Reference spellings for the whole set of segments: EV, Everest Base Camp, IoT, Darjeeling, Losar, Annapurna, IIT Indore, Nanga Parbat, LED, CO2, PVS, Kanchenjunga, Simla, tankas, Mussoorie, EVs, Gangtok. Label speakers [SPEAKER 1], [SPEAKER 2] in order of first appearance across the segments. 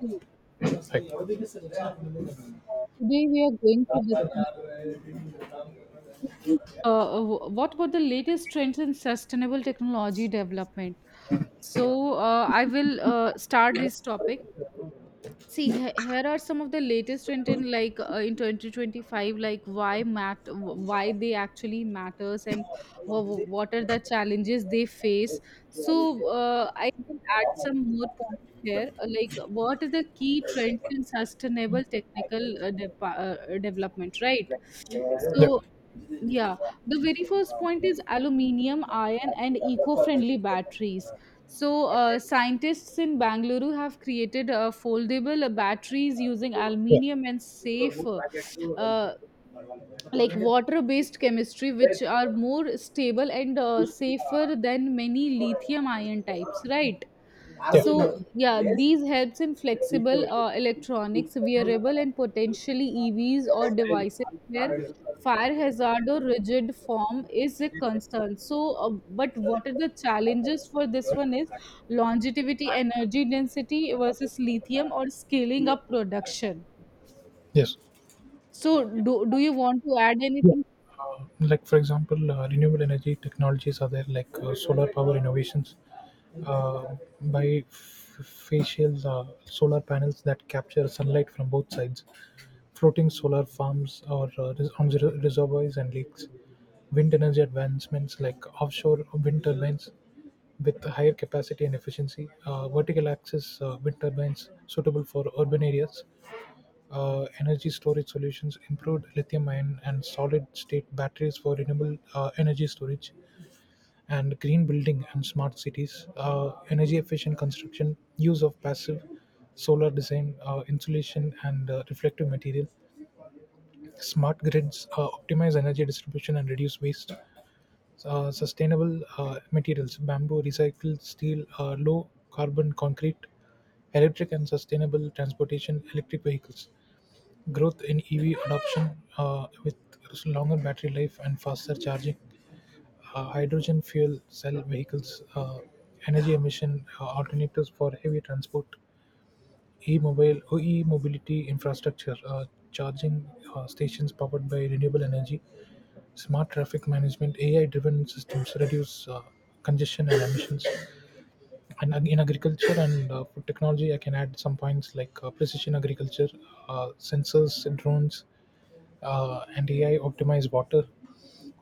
[SPEAKER 1] Hello. Today we are going to discuss what were the latest trends in sustainable technology development. So I will start this topic. See, here are some of the latest trend in in 2025, like why they actually matters and what are the challenges they face. So I will add some more points here, like what are the key trends in sustainable technical development, right?
[SPEAKER 2] Yeah.
[SPEAKER 1] So, yeah, the very first point is aluminium, iron, and eco friendly batteries. So, scientists in Bangalore have created foldable batteries using aluminium and safe, uh, like water based chemistry, which are more stable and safer than many lithium ion types, right? So yeah, these helps in flexible electronics, wearable and potentially EVs or devices where fire hazard or rigid form is a concern. So, but what are the challenges for this one is longevity, energy density versus lithium or scaling up production.
[SPEAKER 2] Yeah. Yes.
[SPEAKER 1] So, do you want to add
[SPEAKER 2] Yeah.
[SPEAKER 1] anything?
[SPEAKER 2] Like for example, renewable energy technologies are there, like solar power innovations uh, by facial solar panels that capture sunlight from both sides, floating solar farms or on the reservoirs and lakes, wind energy advancements like offshore wind turbines with higher capacity and efficiency, vertical axis wind turbines suitable for urban areas, energy storage solutions improved lithium-ion and solid-state batteries for renewable energy storage, and green building and smart cities. Energy-efficient construction, use of passive solar design, insulation, and reflective material. Smart grids optimize energy distribution and reduce waste. Sustainable materials, bamboo, recycled steel, low carbon concrete, electric and sustainable transportation, electric vehicles growth in EV adoption with longer battery life and faster charging, hydrogen fuel cell vehicles, energy emission alternatives for heavy transport, e-mobility infrastructure, charging stations powered by renewable energy, smart traffic management, AI-driven systems reduce congestion and emissions, and in agriculture and food technology I can add some points like precision agriculture, sensors, drones, and AI optimize water,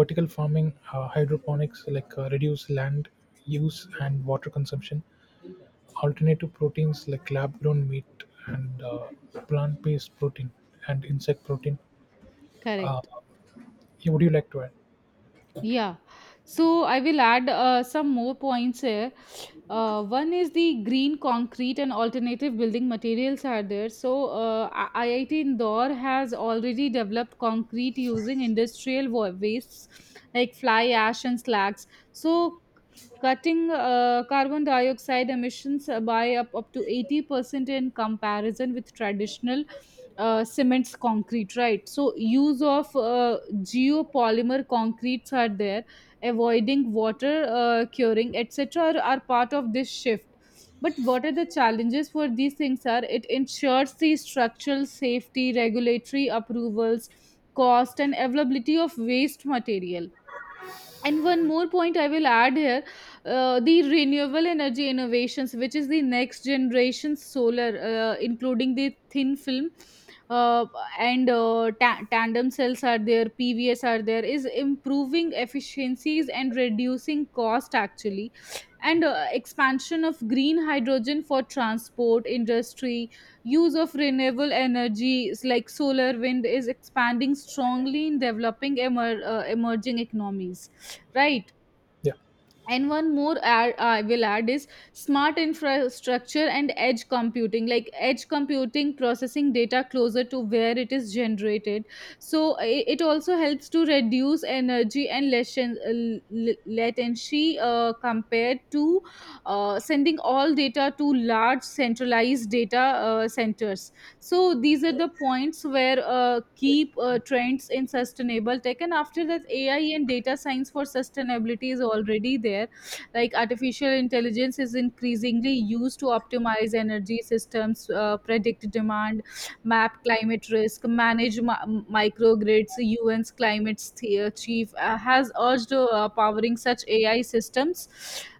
[SPEAKER 2] vertical farming, hydroponics, like reduce land use and water consumption, alternative proteins like lab grown meat and plant based protein and insect protein. uh,
[SPEAKER 1] Correct.
[SPEAKER 2] yeah, would you like to add?
[SPEAKER 1] Yeah, so I will add some more points here. One is the green concrete and alternative building materials are there. So IIT Indore has already developed concrete using industrial wastes like fly ash and slags. So cutting carbon dioxide emissions by up to 80% in comparison with traditional cements concrete, right? So use of geopolymer concretes are there, avoiding water curing etc are part of this shift. But what are the challenges for these things are, it ensures the structural safety, regulatory approvals, cost and availability of waste material. And one more point I will add here, the renewable energy innovations, which is the next generation solar, including the thin film uh, and tandem cells are there, PVS are there, is improving efficiencies and reducing cost actually. And expansion of green hydrogen for transport, industry, use of renewable energies like solar, wind is expanding strongly in developing emerging economies, right?
[SPEAKER 2] yeah
[SPEAKER 1] And one more add, I will add is smart infrastructure and edge computing, like edge computing processing data closer to where it is generated. So it also helps to reduce energy and latency compared to sending all data to large centralized data centers. So these are the points where keep trends in sustainable tech. And after that, AI and data science for sustainability is already there, like artificial intelligence is increasingly used to optimize energy systems, predict demand, map climate risk, manage microgrids. UN's climate chief has urged powering such AI systems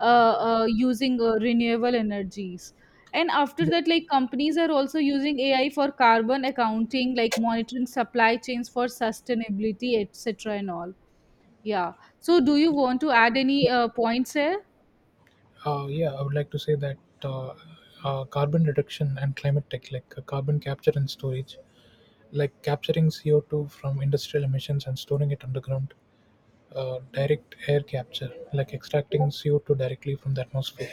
[SPEAKER 1] using renewable energies. And after
[SPEAKER 2] Yeah.
[SPEAKER 1] that, like companies are also using AI for carbon accounting, like monitoring supply chains for sustainability, etc. and all. Yeah. So, do you want to add any points here?
[SPEAKER 2] Uh, yeah, I would like to say that uh, carbon reduction and climate tech, like carbon capture and storage, like capturing CO2 from industrial emissions and storing it underground, direct air capture, like extracting CO2 directly from the atmosphere,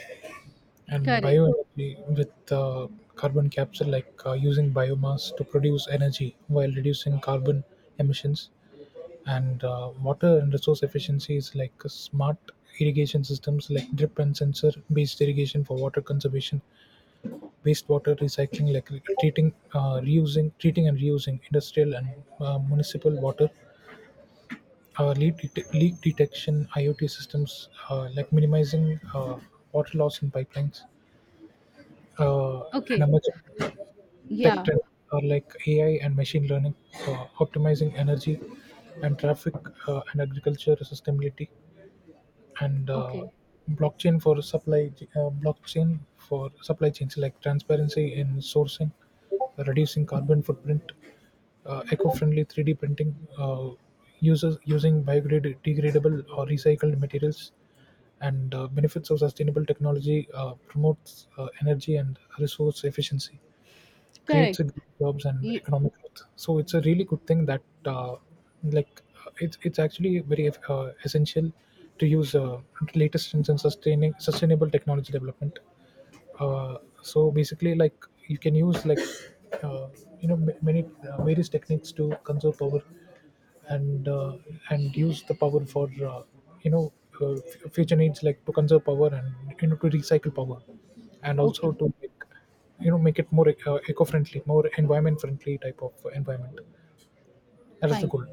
[SPEAKER 2] and
[SPEAKER 1] Correct.
[SPEAKER 2] bioenergy with carbon capture, like using biomass to produce energy while reducing carbon emissions. And water and resource efficiency is like smart irrigation systems like drip and sensor based irrigation for water conservation, wastewater recycling like treating and reusing industrial and municipal water, leak detection IoT systems, like minimizing water loss in pipelines. uh, and
[SPEAKER 1] Okay.
[SPEAKER 2] emerging tech
[SPEAKER 1] Yeah.
[SPEAKER 2] trend are like AI and machine learning, optimizing energy and traffic and agriculture sustainability, and
[SPEAKER 1] Okay.
[SPEAKER 2] blockchain for supply chains like transparency in sourcing, reducing carbon footprint, eco-friendly 3D printing, uses using biodegradable or recycled materials, and benefits of sustainable technology promotes energy and resource efficiency, creates
[SPEAKER 1] Correct.
[SPEAKER 2] a good jobs and
[SPEAKER 1] Ye-
[SPEAKER 2] economic growth. So it's a really good thing that like it's actually very essential to use latest and sustaining sustainable technology development. So basically, like, you can use, like, uh, you know, many various techniques to conserve power and use the power for you know, future needs, like to conserve power, and you know, to recycle power, and also
[SPEAKER 1] Okay.
[SPEAKER 2] to make, you know, make it more eco-friendly, more environment friendly type of environment. That is the
[SPEAKER 1] Fine.
[SPEAKER 2] goal.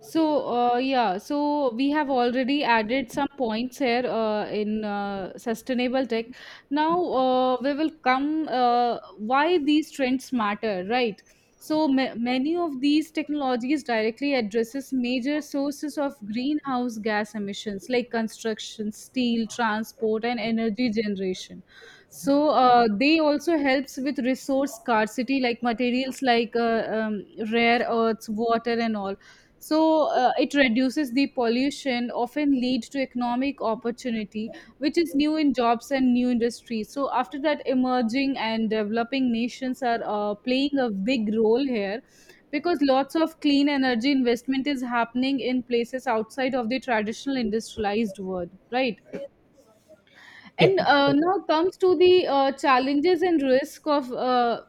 [SPEAKER 1] So, yeah, so we have already added some points here in sustainable tech. Now, we will come why these trends matter, right? So, ma many of these technologies directly addresses major sources of greenhouse gas emissions like construction, steel, transport, and energy generation. So, they also helps with resource scarcity, like materials like rare earths, water, and all. So it reduces the pollution, often lead to economic opportunity, which is new in jobs and new industries. So after that, emerging and developing nations are playing a big role here, because lots of clean energy investment is happening in places outside of the traditional industrialized world, right?
[SPEAKER 2] yeah
[SPEAKER 1] And now comes to the challenges and risk of uh,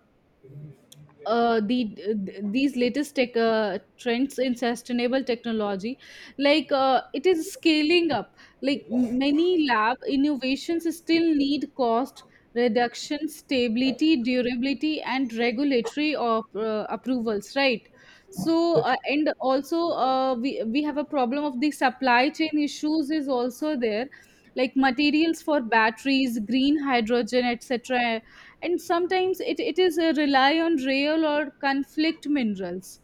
[SPEAKER 1] uh, the these latest tech trends in sustainable technology, like it is scaling up, like many lab innovations still need cost reduction, stability, durability and regulatory approvals, right? So
[SPEAKER 2] yeah
[SPEAKER 1] and also, uh, we have a problem of the supply chain issues is also there, like materials for batteries, green hydrogen etc. And sometimes it is a rely on real or conflict minerals,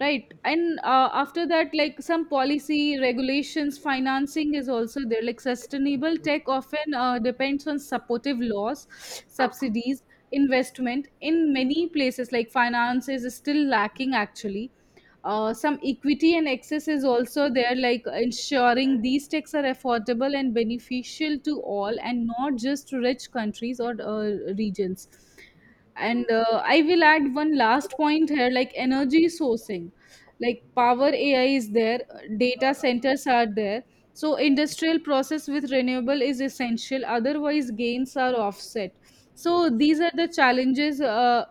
[SPEAKER 1] right? And after that, like some policy regulations, financing is also there, like sustainable tech often depends on supportive laws, subsidies, investment. In many places, like finance is still lacking actually. Some equity and access is also there, like ensuring these texts are affordable and beneficial to all and not just to rich countries or regions. And I will add one last point here, like energy sourcing, like power AI is there, data centers are there. So industrial process with renewable is essential, otherwise gains are offset. So these are the challenges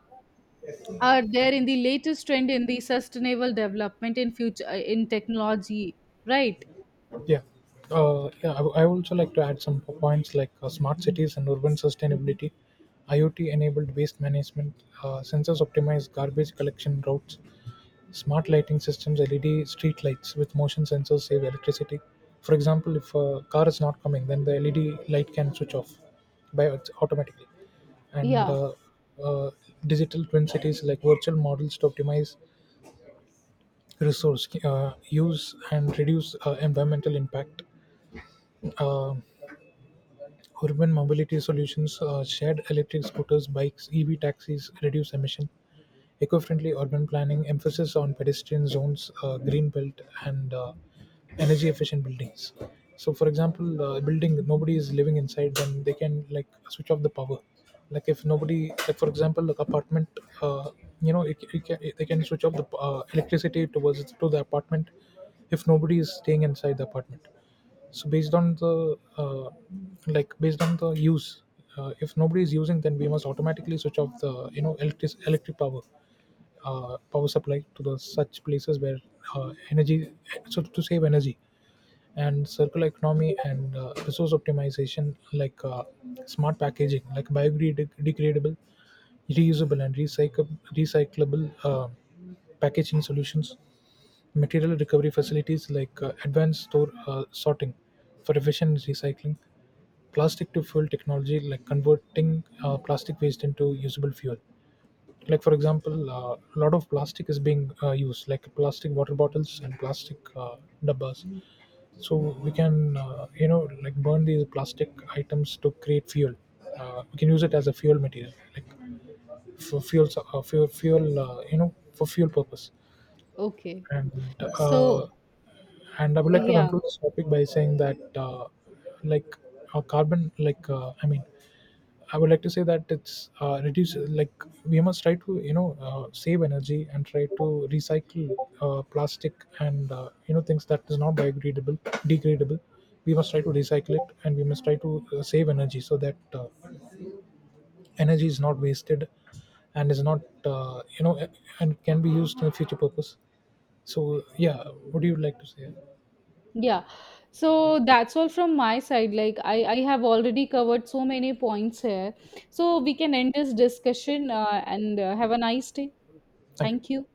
[SPEAKER 1] are there in the latest trend in the sustainable development in future in technology, right?
[SPEAKER 2] Yeah. Uh, yeah, I also like to add some points like smart cities and urban sustainability, IoT-enabled waste management, sensors optimize garbage collection routes, smart lighting systems, LED street lights with motion sensors save electricity. For example, if a car is not coming, then the LED light can switch off automatically. And
[SPEAKER 1] Yeah.
[SPEAKER 2] uh, Digital twin cities like virtual models to optimize resource use and reduce environmental impact, uh, urban mobility solutions, shared electric scooters, bikes, EV taxis, reduce emission, eco-friendly urban planning, emphasis on pedestrian zones, green belt, and energy-efficient buildings. So, for example, a building nobody is living inside, then they can like switch off the power. Like if nobody, like for example, like apartment, uh, you know, they can switch off the electricity towards to the apartment if nobody is staying inside the apartment. So based on the like based on the use, if nobody is using, then we must automatically switch off the, you know, electric power, power supply to the such places where energy so to save energy. And circular economy and resource optimization, like smart packaging like biodegradable, reusable, and recycle recyclable packaging solutions, material recovery facilities like advanced store sorting for efficient recycling, plastic to fuel technology like converting plastic waste into usable fuel. Like for example, a lot of plastic is being used, like plastic water bottles and plastic dabbas. So we can, you know, like burn these plastic items to create fuel. We can use it as a fuel material, like for fuel, fuel, you know, for fuel purpose.
[SPEAKER 1] Okay.
[SPEAKER 2] and uh,
[SPEAKER 1] So
[SPEAKER 2] and I would like to
[SPEAKER 1] yeah,
[SPEAKER 2] conclude this topic by saying that, like, carbon, like, I mean, I would like to say that we must try to, you know, save energy and try to recycle plastic and, you know, things that is not biodegradable, degradable. We must try to recycle it, and we must try to save energy so that energy is not wasted and is not, you know, and can be used in future purpose. So, yeah, what do you like to say?
[SPEAKER 1] yeah, so that's all from my side. Like I have already covered so many points here, so we can end this discussion, and have a nice day.
[SPEAKER 2] Thank you.
[SPEAKER 1] Thank you.